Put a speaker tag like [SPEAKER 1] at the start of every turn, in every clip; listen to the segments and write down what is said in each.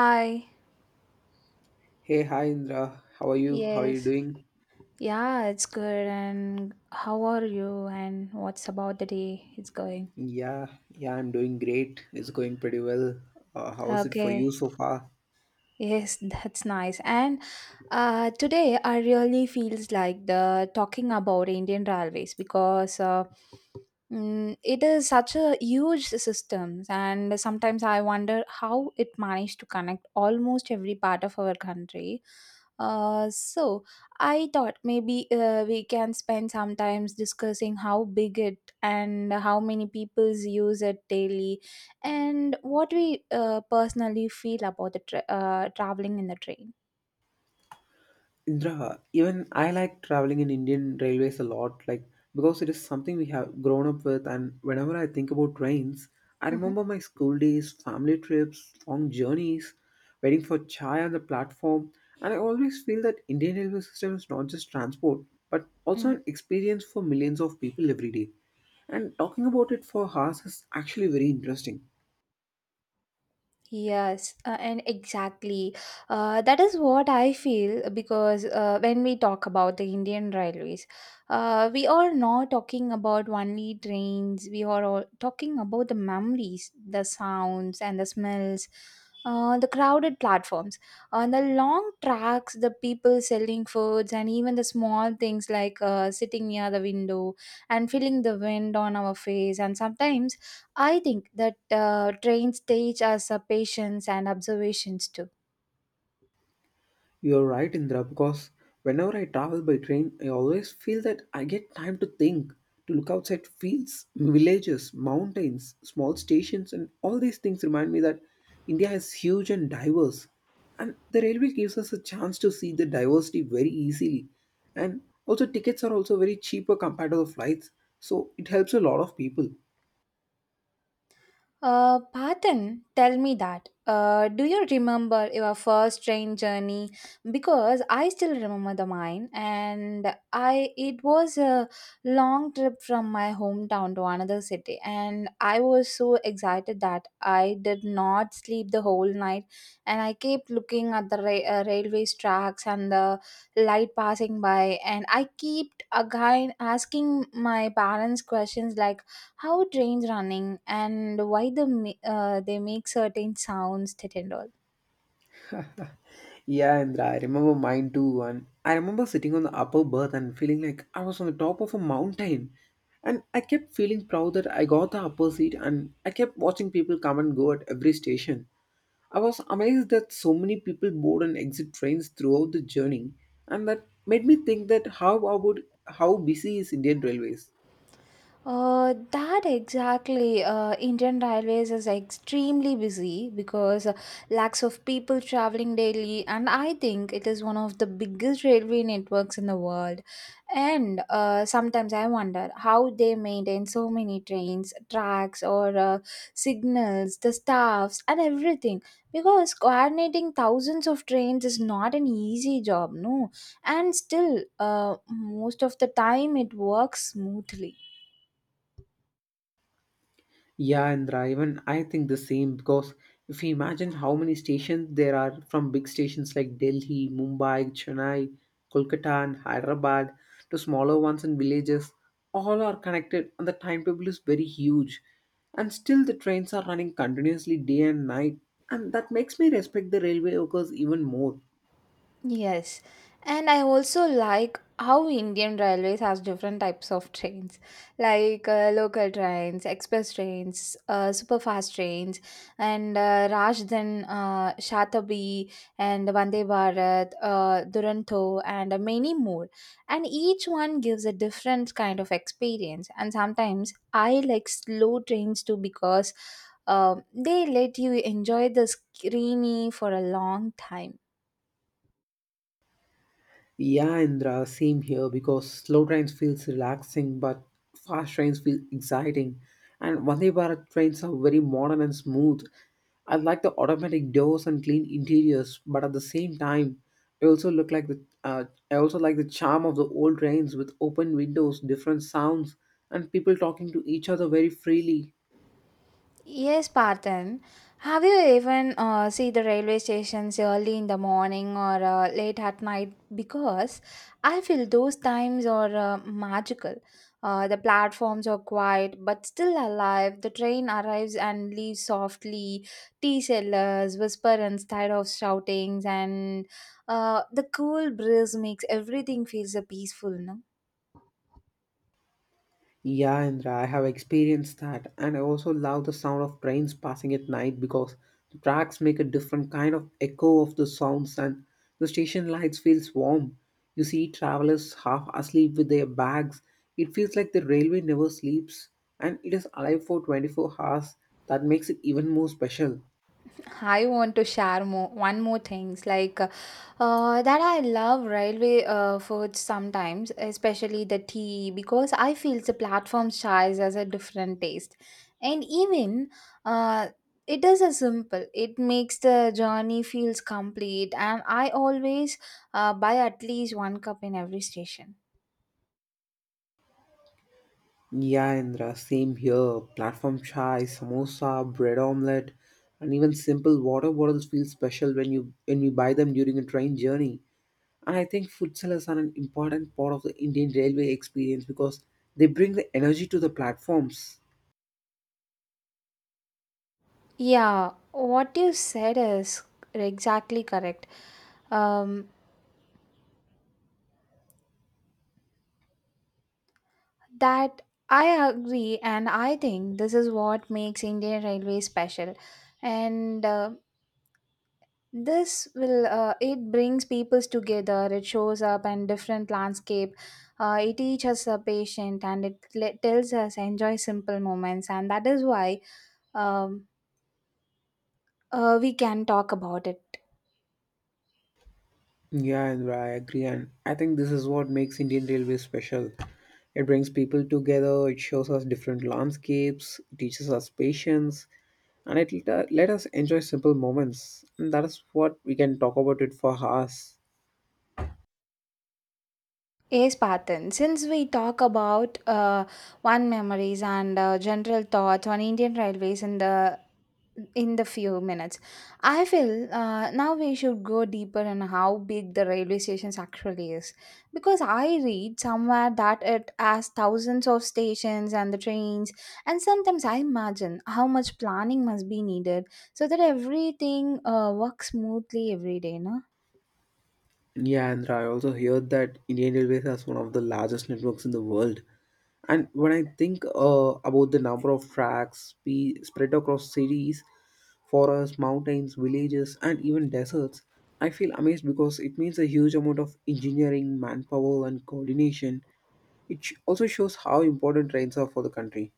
[SPEAKER 1] Hi,
[SPEAKER 2] Hey, hi Indra. How are you? How are you
[SPEAKER 1] yes.
[SPEAKER 2] doing?
[SPEAKER 1] Yeah, it's good. And how are you? And what's about the day? It's going.
[SPEAKER 2] Yeah, I'm doing great. It's going pretty well. How's it for you
[SPEAKER 1] Okay.
[SPEAKER 2] so far?
[SPEAKER 1] Yes, that's nice. And today, I really feels like the talking about Indian railways because it is such a huge system, and sometimes I wonder how it managed to connect almost every part of our country. So I thought maybe we can spend some times discussing how big it and how many peoples use it daily, and what we personally feel about the traveling in the train.
[SPEAKER 2] Indra, even I like traveling in Indian railways a lot, like because it is something we have grown up with. And whenever I think about trains, I
[SPEAKER 1] Mhm.
[SPEAKER 2] remember my school days, family trips, long journeys, waiting for chai on the platform. And I always feel that Indian railway system is not just transport, but also an experience for millions of people every day. And talking about it for hours is actually very interesting.
[SPEAKER 1] Yes, and exactly. That is what I feel because when we talk about the Indian railways, we are not talking about only trains, we are all talking about the memories, the sounds, and the smells, the crowded platforms, on the long tracks, the people selling foods, and even the small things like sitting near the window and feeling the wind on our face, and sometimes I think that train stage as a patience and observations too.
[SPEAKER 2] You're right, Indra, because whenever I travel by train, I always feel that I get time to think, to look outside fields, villages, mountains, small stations, and all these things remind me that India is huge and diverse. And the railway gives us a chance to see the diversity very easily. And also, tickets are also very cheaper compared to the flights, so it helps a lot of people.
[SPEAKER 1] Patan, tell me that. Do you remember your first train journey? Because I still remember the mine, and I it was a long trip from my hometown to another city, and I was so excited that I did not sleep the whole night, and I kept looking at the railway tracks and the light passing by, and I kept again asking my parents questions like how trains running and why the they make certain sounds that and all.
[SPEAKER 2] Yeah, and I remember mine too. And I remember sitting on the upper berth and feeling like I was on the top of a mountain. And I kept feeling proud that I got the upper seat, and I kept watching people come and go at every station. I was amazed that so many people board and exit trains throughout the journey, and that made me think that how busy is Indian Railways?
[SPEAKER 1] That exactly. Indian Railways is extremely busy because lakhs of people traveling daily, and I think it is one of the biggest railway networks in the world. And sometimes I wonder how they maintain so many trains, tracks, or signals, the staffs, and everything. Because coordinating thousands of trains is not an easy job, no. And still, most of the time it works smoothly.
[SPEAKER 2] Yeah, Indra, even I think the same because if you imagine how many stations there are from big stations like Delhi, Mumbai, Chennai, Kolkata, and Hyderabad to smaller ones in villages, all are connected and the timetable is very huge. And still, the trains are running continuously day and night, and that makes me respect the railway workers even more.
[SPEAKER 1] Yes, and I also like how Indian Railways has different types of trains, like local trains, express trains, super fast trains, and Rajdhan, Shatabdi, and Vande Bharat, Duronto, and many more. And each one gives a different kind of experience. And sometimes I like slow trains too because they let you enjoy the scenery for a long time.
[SPEAKER 2] Yeah, Indra, same here because slow trains feels relaxing, but fast trains feel exciting. And Vande Bharat trains are very modern and smooth. I like the automatic doors and clean interiors, but at the same time, I also look like the uh, I also like the charm of the old trains with open windows, different sounds, and people talking to each other very freely.
[SPEAKER 1] Yes, Parthen. Have you even see the railway stations early in the morning or late at night? Because I feel those times are magical. The platforms are quiet but still alive. The train arrives and leaves softly. Tea sellers whisper instead of shoutings, and the cool breeze makes everything feels peaceful. No?
[SPEAKER 2] Yeah, Indra, I have experienced that, and I also love the sound of trains passing at night because the tracks make a different kind of echo of the sounds, and the station lights feels warm. You see travelers half asleep with their bags. It feels like the railway never sleeps, and it is alive for 24 hours. That makes it even more special.
[SPEAKER 1] I want to share more one more things like that I love railway foods sometimes, especially the tea because I feel the platform size has a different taste, and even uh, it is a simple. It makes the journey feels complete, and I always buy at least one cup in every station.
[SPEAKER 2] Yeah, Indra, same here. Platform chai, samosa, bread omelette, and even simple water bottles feel special when we buy them during a train journey. And I think food sellers are an important part of the Indian railway experience because they bring the energy to the platforms.
[SPEAKER 1] Yeah, what you said is exactly correct. Um, That I agree, and I think this is what makes Indian Railways special. And this will it brings peoples together. It shows up in different landscape. It teaches us patient, and it tells us enjoy simple moments, and that is why um, we can talk about it.
[SPEAKER 2] Yeah, Indra, I agree. And I think this is what makes Indian Railway special. It brings people together, it shows us different landscapes, it teaches us patience, and it let us enjoy simple moments. And that is what we can talk about it for hours.
[SPEAKER 1] Yes, Patan. Since we talk about one memories and general thoughts on Indian Railways in the few minutes, I feel now we should go deeper in how big the railway stations actually is, because I read somewhere that it has thousands of stations and the trains, and sometimes I imagine how much planning must be needed so that everything works smoothly every day. No.
[SPEAKER 2] Yeah, Andra, I also heard that Indian Railways has one of the largest networks in the world. And when I think about the number of tracks spread across cities, forests, mountains, villages, and even deserts, I feel amazed because it means a huge amount of engineering, manpower, and coordination. It also shows how important trains are for the country.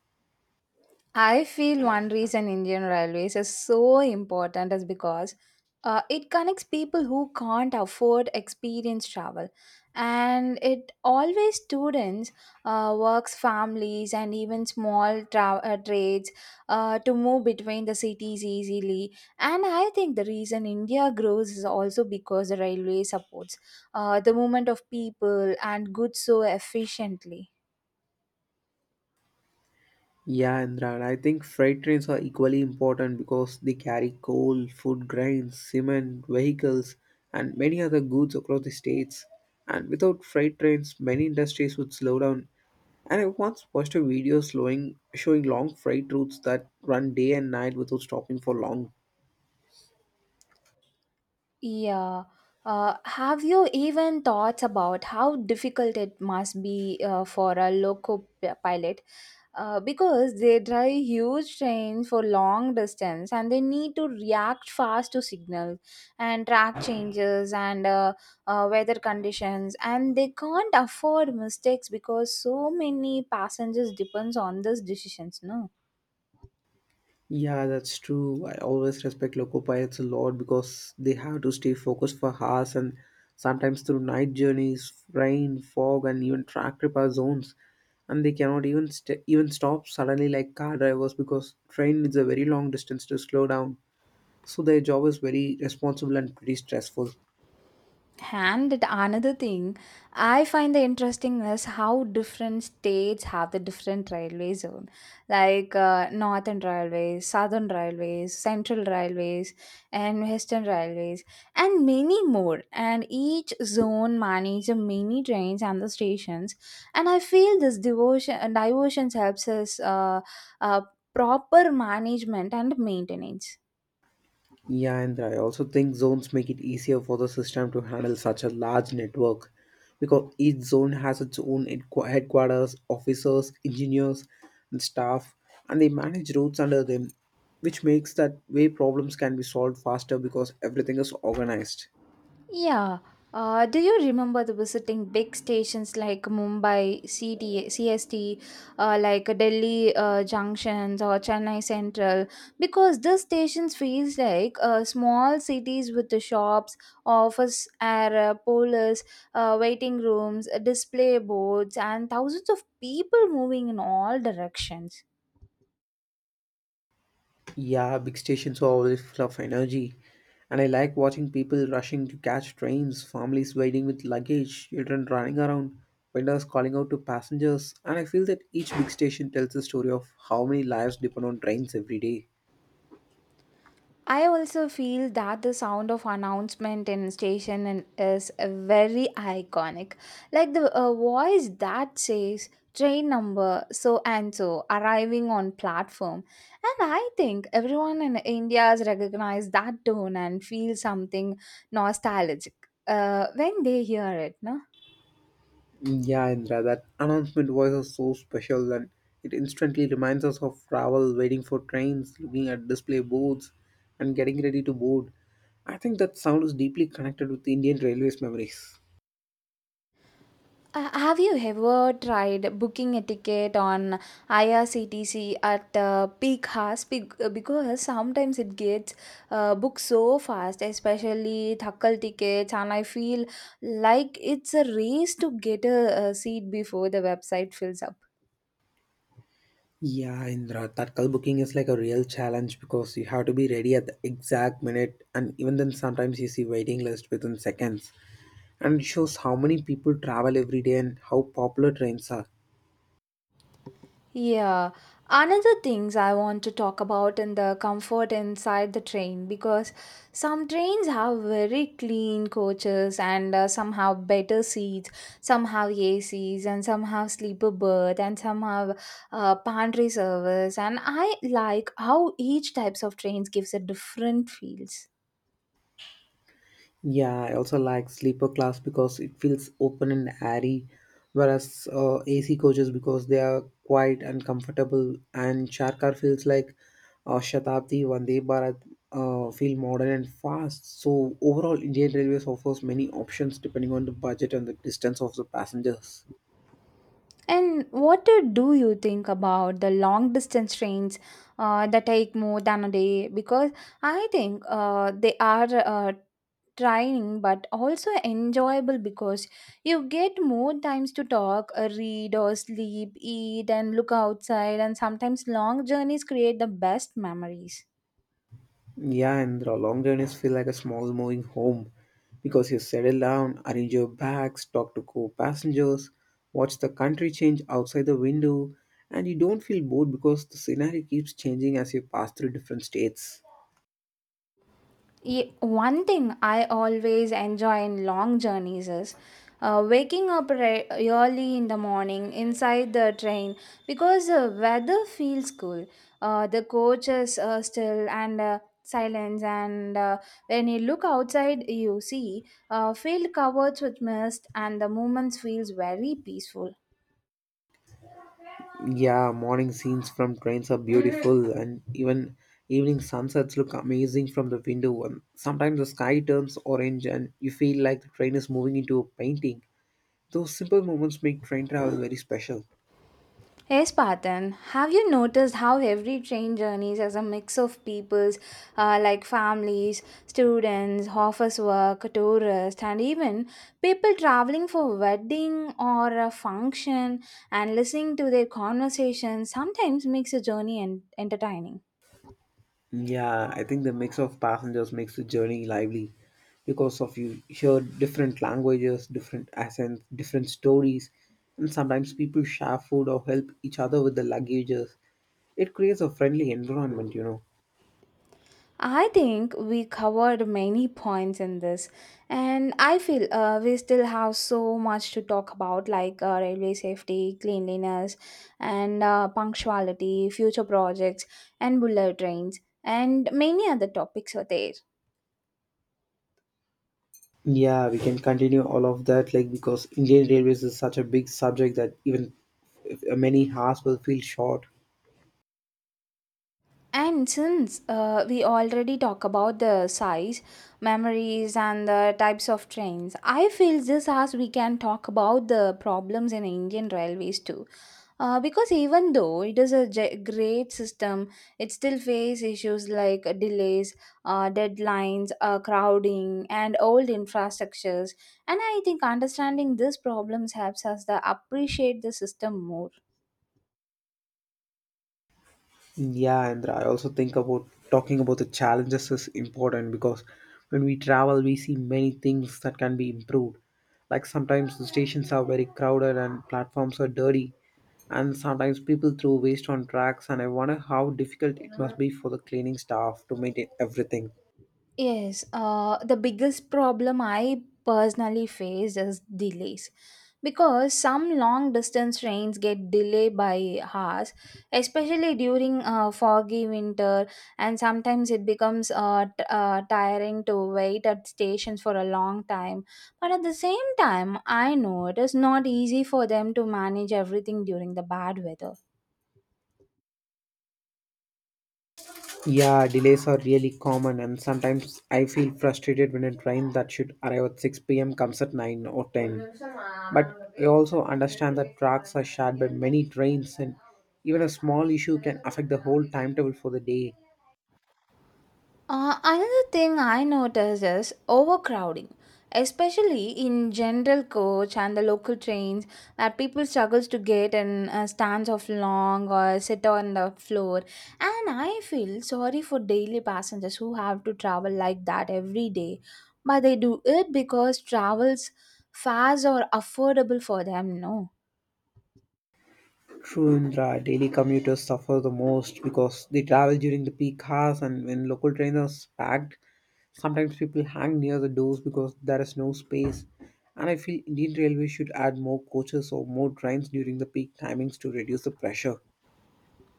[SPEAKER 1] I feel one reason Indian Railways is so important is because it connects people who can't afford experience travel, and it always students, works families, and even small trades to move between the cities easily. And I think the reason India grows is also because the railway supports the movement of people and goods so efficiently.
[SPEAKER 2] Yeah, Indra, and I think freight trains are equally important because they carry coal, food grains, cement, vehicles, and many other goods across the states. And without freight trains, many industries would slow down. And I once watched a video showing long freight routes that run day and night without stopping for long.
[SPEAKER 1] Yeah. Have you even thought about how difficult it must be for a loco pilot? Because they drive huge trains for long distance and they need to react fast to signals and track changes and weather conditions and they can't afford mistakes because so many passengers depends on these decisions, no.
[SPEAKER 2] Yeah, that's true. I always respect local pilots a lot because they have to stay focused for hours and sometimes through night journeys, rain, fog, and even track repair zones. And they cannot even stop suddenly like car drivers because train is a very long distance to slow down. So their job is very responsible and pretty stressful.
[SPEAKER 1] And another thing I find the interesting is how different states have the different railway zone, like northern railways, southern railways, central railways, and western railways, and many more. And each zone manages many trains and the stations. And I feel this devotion and diversions helps us uh, proper management and maintenance.
[SPEAKER 2] Yeah, and I also think zones make it easier for the system to handle such a large network because each zone has its own headquarters, officers, engineers, and staff, and they manage routes under them, which makes that way problems can be solved faster because everything is organized.
[SPEAKER 1] Yeah. Do you remember the visiting big stations like Mumbai C T C S T, CST, like Delhi junctions or Chennai Central? Because these stations feels like small cities with the shops, office area, police, waiting rooms, display boards, and thousands of people moving in all directions.
[SPEAKER 2] Yeah, big stations are always full of energy. And I like watching people rushing to catch trains, families waiting with luggage, children running around, vendors calling out to passengers. And I feel that each big station tells the story of how many lives depend on trains every day.
[SPEAKER 1] I also feel that the sound of announcement in station is very iconic. Like the voice that says train number so and so arriving on platform. And I think everyone in India has recognized that tone and feels something nostalgic when they hear it, no?
[SPEAKER 2] Yeah, Indra, that announcement voice is so special and it instantly reminds us of travel, waiting for trains, looking at display boards, and getting ready to board. I think that sound is deeply connected with Indian Railways memories.
[SPEAKER 1] Have you ever tried booking a ticket on IRCTC at peak hours? Because sometimes it gets booked so fast, especially Thakkal tickets, and I feel like it's a race to get a seat before the website fills up.
[SPEAKER 2] Yeah, Indra, tatkal booking is like a real challenge because you have to be ready at the exact minute, and even then, sometimes you see waiting list within seconds. And it shows how many people travel every day and how popular trains are.
[SPEAKER 1] Yeah, another things I want to talk about in the comfort inside the train because some trains have very clean coaches and somehow better seats, some have ACs and some have sleeper berth and some have pantry service and I like how each types of trains gives a different feels.
[SPEAKER 2] Yeah, I also like sleeper class because it feels open and airy, whereas AC coaches because they are quiet and comfortable, and Charkar feels like Shatabdi, Vande Bharat feel modern and fast. So overall, Indian Railways offers many options depending on the budget and the distance of the passengers.
[SPEAKER 1] And what do you think about the long distance trains that take more than a day? Because I think they are trying but also enjoyable because you get more times to talk, read, or sleep, eat, and look outside. And sometimes long journeys create the best memories.
[SPEAKER 2] Yeah, and the long journeys feel like a small moving home because you settle down, arrange your bags, talk to co-passengers, watch the country change outside the window, and you don't feel bored because the scenery keeps changing as you pass through different states.
[SPEAKER 1] One thing I always enjoy in long journeys is waking up early in the morning inside the train because the weather feels cool. The coach is still and silence, and when you look outside, you see a field covered with mist, and the movement feels very peaceful.
[SPEAKER 2] Yeah, morning scenes from trains are beautiful, and even evening sunsets look amazing from the window. And sometimes the sky turns orange, and you feel like the train is moving into a painting. Those simple moments make train travel very special.
[SPEAKER 1] Hey Spartan, have you noticed how every train journeys as a mix of peoples like families, students, office work, tourists, and even people traveling for wedding or a function and listening to their conversations sometimes makes a journey entertaining.
[SPEAKER 2] Yeah, I think the mix of passengers makes the journey lively because of you hear different languages, different accents, different stories, and sometimes people share food or help each other with the luggages. It creates a friendly environment, you know.
[SPEAKER 1] I think we covered many points in this, and I feel we still have so much to talk about, like railway safety, cleanliness, and punctuality, future projects, and bullet trains, and many other topics are there.
[SPEAKER 2] Yeah, we can continue all of that, like because Indian Railways is such a big subject that even if many hours will feel short.
[SPEAKER 1] And since we already talk about the size, memories, and the types of trains, I feel this as we can talk about the problems in Indian railways too. Because even though it is a great system, it still faces issues like delays, deadlines, crowding, and old infrastructures. And I think understanding these problems helps us to appreciate the system more.
[SPEAKER 2] Yeah, and I also think about talking about the challenges is important because when we travel, we see many things that can be improved. Like sometimes the stations are very crowded and platforms are dirty, and sometimes people throw waste on tracks. And I wonder how difficult it must be for the cleaning staff to maintain everything.
[SPEAKER 1] Yes, the biggest problem I personally face is delays because some long distance trains get delayed by hours, especially during foggy winter, and sometimes it becomes tiring to wait at stations for a long time. But at the same time, I know it is not easy for them to manage everything during the bad weather.
[SPEAKER 2] Yeah, delays are really common, and sometimes I feel frustrated when a train that should arrive at 6 p.m. comes at 9 or 10. But I also understand that tracks are shared by many trains, and even a small issue can affect the whole timetable for the day.
[SPEAKER 1] Another thing I notice is overcrowding, especially in general coach and the local trains, where people struggles to get in stands of long or sit on the floor. And I feel sorry for daily passengers who have to travel like that every day, but they do it because travels fares are affordable for them. No.
[SPEAKER 2] True and right. Daily commuters suffer the most because they travel during the peak hours and when local trains are packed, sometimes people hang near the doors because there is no space. And I feel Indian Railways should add more coaches or more trains during the peak timings to reduce the pressure.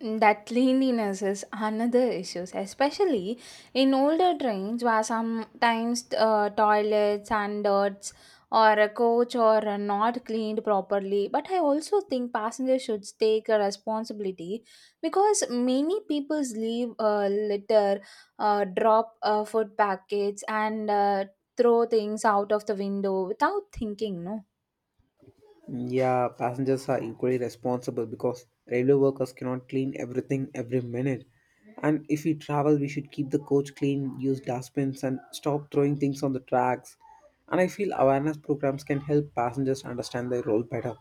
[SPEAKER 1] That cleanliness is another issue, especially in older trains where sometimes toilets and dirts or a coach or are not cleaned properly. But I also think passengers should take a responsibility because many people leave litter, drop food packets, and throw things out of the window without thinking. No.
[SPEAKER 2] Yeah, passengers are equally responsible because railway workers cannot clean everything every minute. And if we travel, we should keep the coach clean, use dustbins, and stop throwing things on the tracks. And I feel awareness programs can help passengers understand their role better.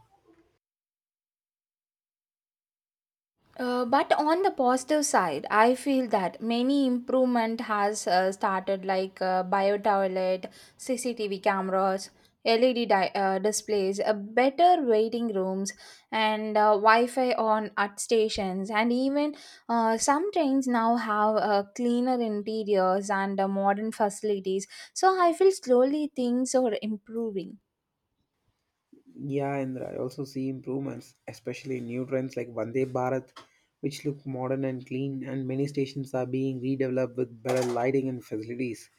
[SPEAKER 1] But on the positive side, I feel that many improvement has started like bio toilet, CCTV cameras, LED displays, better waiting rooms, and Wi-Fi on at stations, and even some trains now have cleaner interiors and modern facilities. So I feel slowly things are improving.
[SPEAKER 2] Yeah, Indra, I also see improvements, especially in new trends like Vande Bharat, which look modern and clean, and many stations are being redeveloped with better lighting and facilities.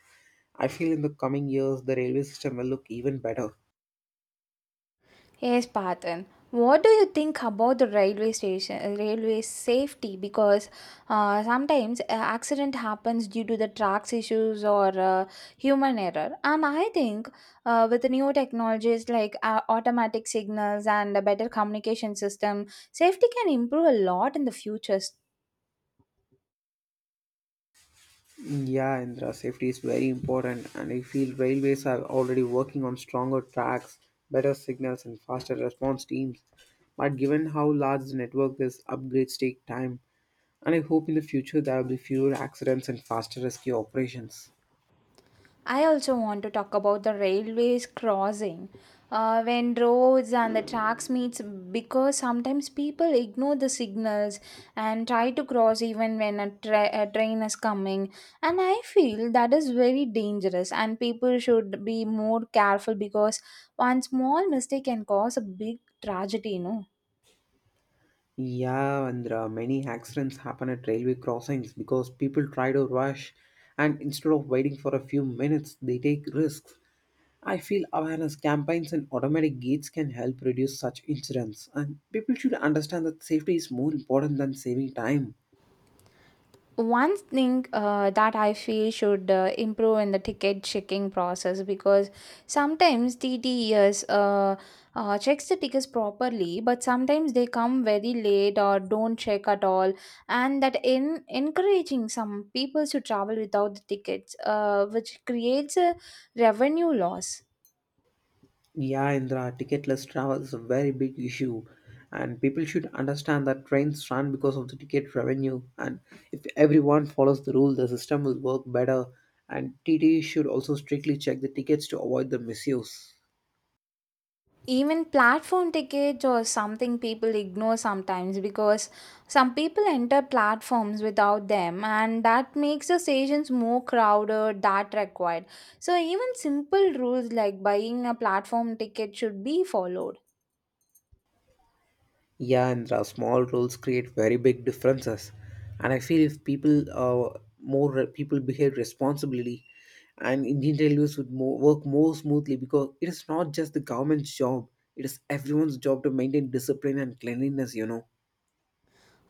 [SPEAKER 2] I feel in the coming years the railway system will look even better.
[SPEAKER 1] Yes, Parthen. What do you think about the railway station, railway safety? Because sometimes accident happens due to the tracks issues or human error. And I think with the new technologies like automatic signals and a better communication system, safety can improve a lot in the future.
[SPEAKER 2] Yeah, Indra, safety is very important, and I feel railways are already working on stronger tracks, better signals, and faster response teams. But given how large the network is, upgrades take time, and I hope in the future there will be fewer accidents and faster rescue operations.
[SPEAKER 1] I also want to talk about the railways crossing when roads and the tracks meets because sometimes people ignore the signals and try to cross even when a train is coming, and I feel that is very dangerous and people should be more careful because one small mistake can cause a big tragedy.
[SPEAKER 2] Yeah, Indra, many accidents happen at railway crossings because people try to rush, and instead of waiting for a few minutes, they take risks. I feel awareness campaigns and automatic gates can help reduce such incidents, and people should understand that safety is more important than saving time.
[SPEAKER 1] One thing that I feel should improve in the ticket checking process, because sometimes T TTEs checks the tickets properly, but sometimes they come very late or don't check at all, and that in encouraging some people to travel without the tickets, which creates a revenue loss.
[SPEAKER 2] Yeah, Indra, ticketless travel is a very big issue, and people should understand that trains run because of the ticket revenue. And if everyone follows the rule, the system will work better. And TTE should also strictly check the tickets to avoid the misuse.
[SPEAKER 1] Even platform tickets or something people ignore sometimes because some people enter platforms without them and that makes the stations more crowded that required. So even simple rules like buying a platform ticket should be followed.
[SPEAKER 2] Yeah, and the small rules create very big differences. And I feel if people people behave responsibly, and Indian Railways would work more smoothly because it is not just the government's job; it is everyone's job to maintain discipline and cleanliness. You know.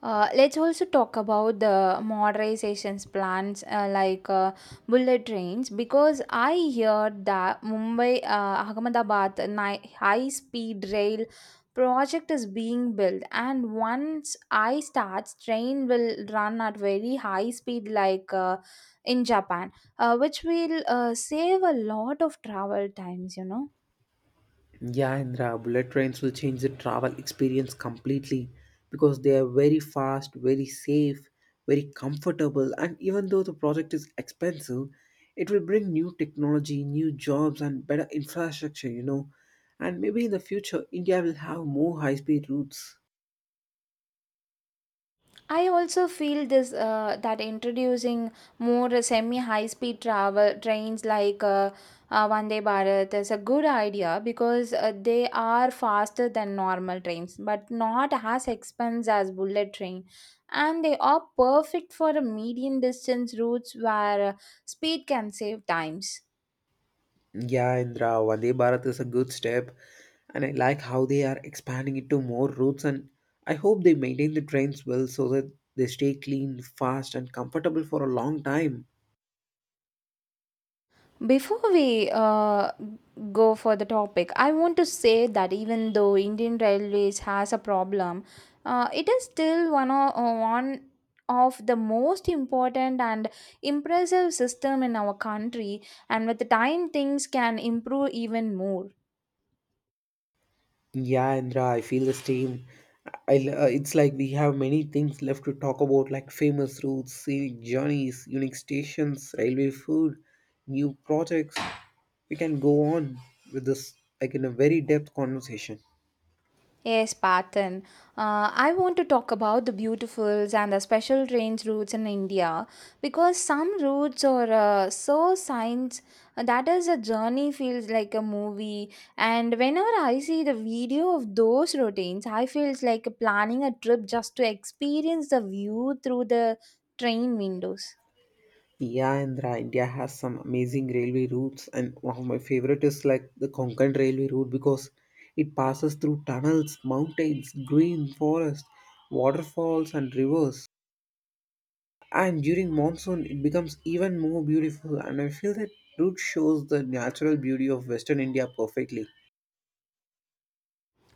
[SPEAKER 1] Let's also talk about the modernizations plans like bullet trains, because I hear that Mumbai Ahmedabad high speed rail project is being built and once I start train will run at very high speed like in Japan, which will save a lot of travel times.
[SPEAKER 2] Yeah, Indra, bullet trains will change the travel experience completely because they are very fast, very safe, very comfortable, and even though the project is expensive, it will bring new technology, new jobs, and better infrastructure, you know. And maybe in the future, India will have more high speed routes.
[SPEAKER 1] I also feel this that introducing more semi high speed travel trains like Vande Bharat is a good idea because they are faster than normal trains but not as expensive as bullet train, and they are perfect for a medium distance routes where speed can save times.
[SPEAKER 2] Yeah, Indra, Vande Bharat is a good step, and I like how they are expanding it to more routes. And I hope they maintain the trains well so that they stay clean, fast, and comfortable for a long time.
[SPEAKER 1] Before we go for the topic, I want to say that even though Indian Railways has a problem, it is still one of the most important and impressive system in our country. And with the time, things can improve even more.
[SPEAKER 2] Yeah, Indra, I feel the same. It's like we have many things left to talk about, like famous routes, scenic journeys, unique stations, railway food, new projects. We can go on with this like in a very depth conversation.
[SPEAKER 1] Yes, Patan. I want to talk about the beautifuls and the special trains routes in India because some routes are so science that is a journey feels like a movie. And whenever I see the video of those routines, I feels like planning a trip just to experience the view through the train windows.
[SPEAKER 2] Yeah, Andhra, India has some amazing railway routes, and one of my favorite is like the Konkan railway route because it passes through tunnels, mountains, green forest, waterfalls, and rivers. And during monsoon, it becomes even more beautiful. And I feel that route shows the natural beauty of Western India perfectly.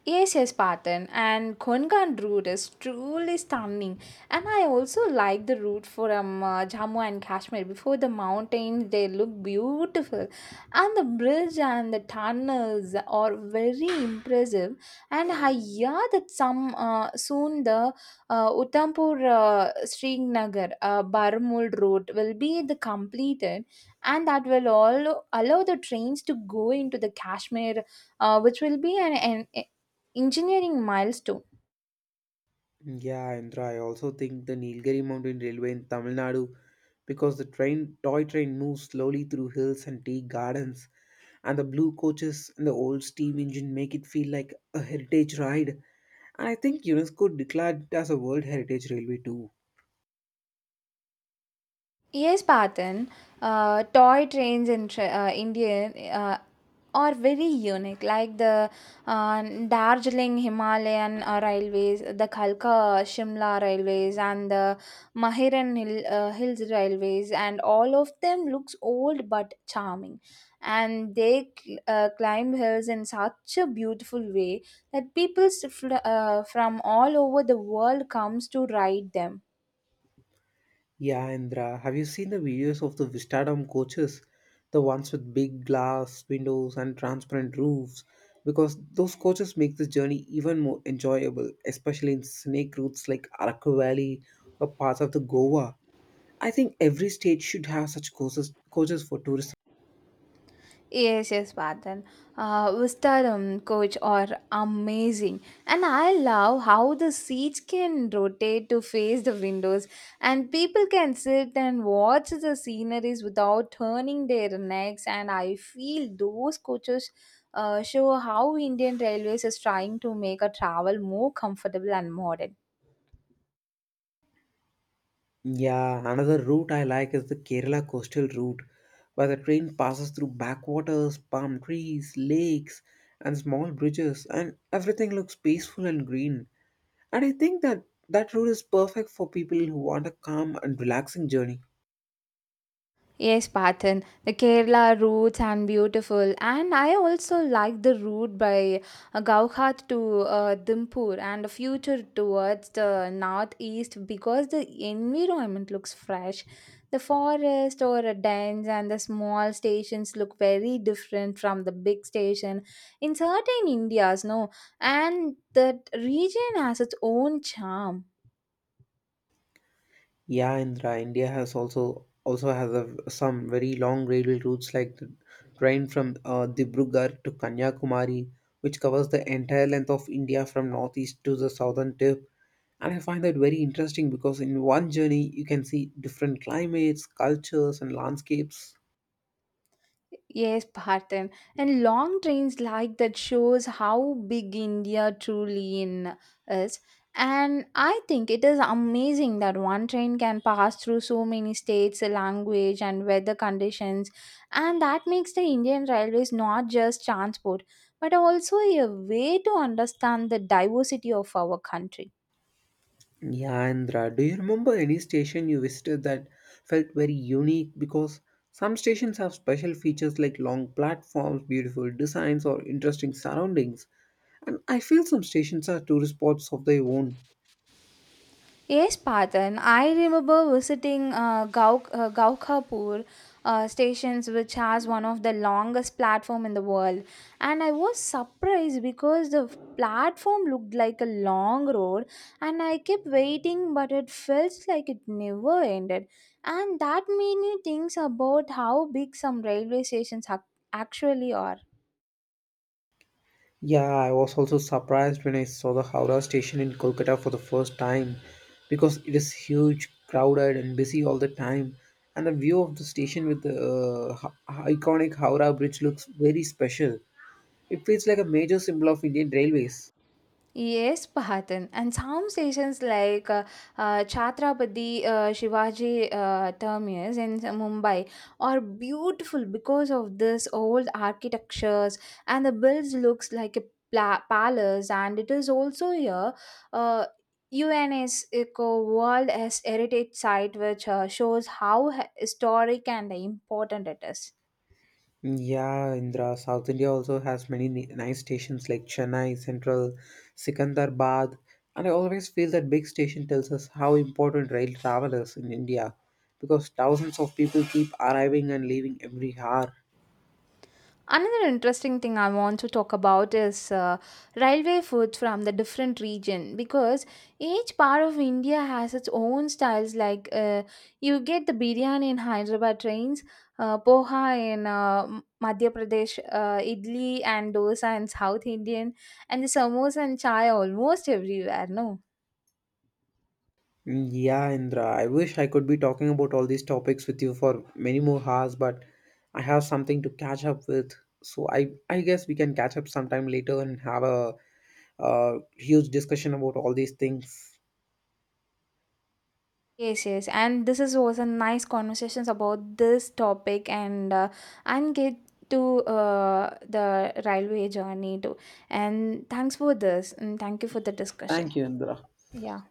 [SPEAKER 1] Yes, yes, Patan, and Konkan route is truly stunning. And I also like the route from Jammu and Kashmir. Before the mountains, they look beautiful, and the bridge and the tunnels are very impressive. And I hear that some soon the Uthampur Srinagar Barmul route will be the completed, and that will all allow the trains to go into the Kashmir, which will be an engineering milestone.
[SPEAKER 2] Yeah, Indra, I also think the Nilgiri Mountain Railway in Tamil Nadu because the train toy train moves slowly through hills and tea gardens and the blue coaches and the old steam engine make it feel like a heritage ride. And I think UNESCO declared it as a World Heritage Railway too.
[SPEAKER 1] Yes, Patan, toy trains in India are very unique, like the uh, Darjeeling Himalayan Railways, the Kalka Shimla Railways, and the Mahiran Hill, Hills Railways, and all of them looks old but charming. And they climb hills in such a beautiful way that people from all over the world comes to ride them.
[SPEAKER 2] Yeah, Indra, have you seen the videos of the Vistadom coaches? The ones with big glass windows and transparent roofs? Because those coaches make this journey even more enjoyable, especially in snake routes like Araku Valley or parts of the Goa. I think every state should have such coaches, coaches for tourism.
[SPEAKER 1] Yes, yes, Pardon. Vistaram coach are amazing, and I love how the seats can rotate to face the windows, and people can sit and watch the sceneries without turning their necks. And I feel those coaches show how Indian Railways is trying to make a travel more comfortable and modern.
[SPEAKER 2] Yeah, another route I like is the Kerala coastal route, where the train passes through backwaters, palm trees, lakes, and small bridges, and everything looks peaceful and green. And I think that route is perfect for people who want a calm and relaxing journey.
[SPEAKER 1] Yes, Pathan. The Kerala routes and beautiful. And I also like the route by Gauhat to Dimpur and the future towards the northeast because the environment looks fresh. The forest or a dens and the small stations look very different from the big station in certain Indias, no? And that region has its own charm.
[SPEAKER 2] Yeah, Indra, India has also also has some very long railway routes like the train from Dibrugarh to Kanyakumari, which covers the entire length of India from northeast to the southern tip. And I find that very interesting because in one journey you can see different climates, cultures, and landscapes.
[SPEAKER 1] Yes, Parthen. And long trains like that shows how big India truly in is. And I think it is amazing that one train can pass through so many states, language, and weather conditions. And that makes the Indian Railways not just transport, but also a way to understand the diversity of our country.
[SPEAKER 2] Yeah, Andhra, do you remember any station you visited that felt very unique? Because some stations have special features like long platforms, beautiful designs, or interesting surroundings. And I feel some stations are tourist spots of their own.
[SPEAKER 1] Yes, Patan. I remember visiting Gaukhapur stations, which has one of the longest platform in the world, and I was surprised because the platform looked like a long road, and I kept waiting, but it felt like it never ended, and that made me think about how big some railway stations actually are.
[SPEAKER 2] Yeah, I was also surprised when I saw the Howrah station in Kolkata for the first time because it is huge, crowded, and busy all the time. And the view of the station with the iconic Howrah Bridge looks very special. It feels like a major symbol of Indian railways.
[SPEAKER 1] Yes, Pahatan. And some stations like Chhatrapati Shivaji Terminus in Mumbai are beautiful because of this old architectures, and the builds looks like a palace, and it is also a uh, UNS Eco World as Heritage Site, which shows how historic and important it is.
[SPEAKER 2] Yeah, Indra, South India also has many nice stations like Chennai Central, Sikandarabad, and I always feel that big station tells us how important rail travel is in India because thousands of people keep arriving and leaving every hour.
[SPEAKER 1] Another interesting thing I want to talk about is railway food from the different region, because each part of India has its own styles. Like you get the biryani in Hyderabad trains, poha in Madhya Pradesh, idli and dosa in South Indian, and the samosa and chai almost everywhere. No.
[SPEAKER 2] Mm, yeah, Indra, I wish I could be talking about all these topics with you for many more hours, but I have something to catch up with. So I guess we can catch up sometime later and have a huge discussion about all these things.
[SPEAKER 1] Yes, yes, and this is was a nice conversations about this topic, and get to the railway journey too. And thanks for this, and thank you for the discussion.
[SPEAKER 2] Thank you, Indra.
[SPEAKER 1] Yeah.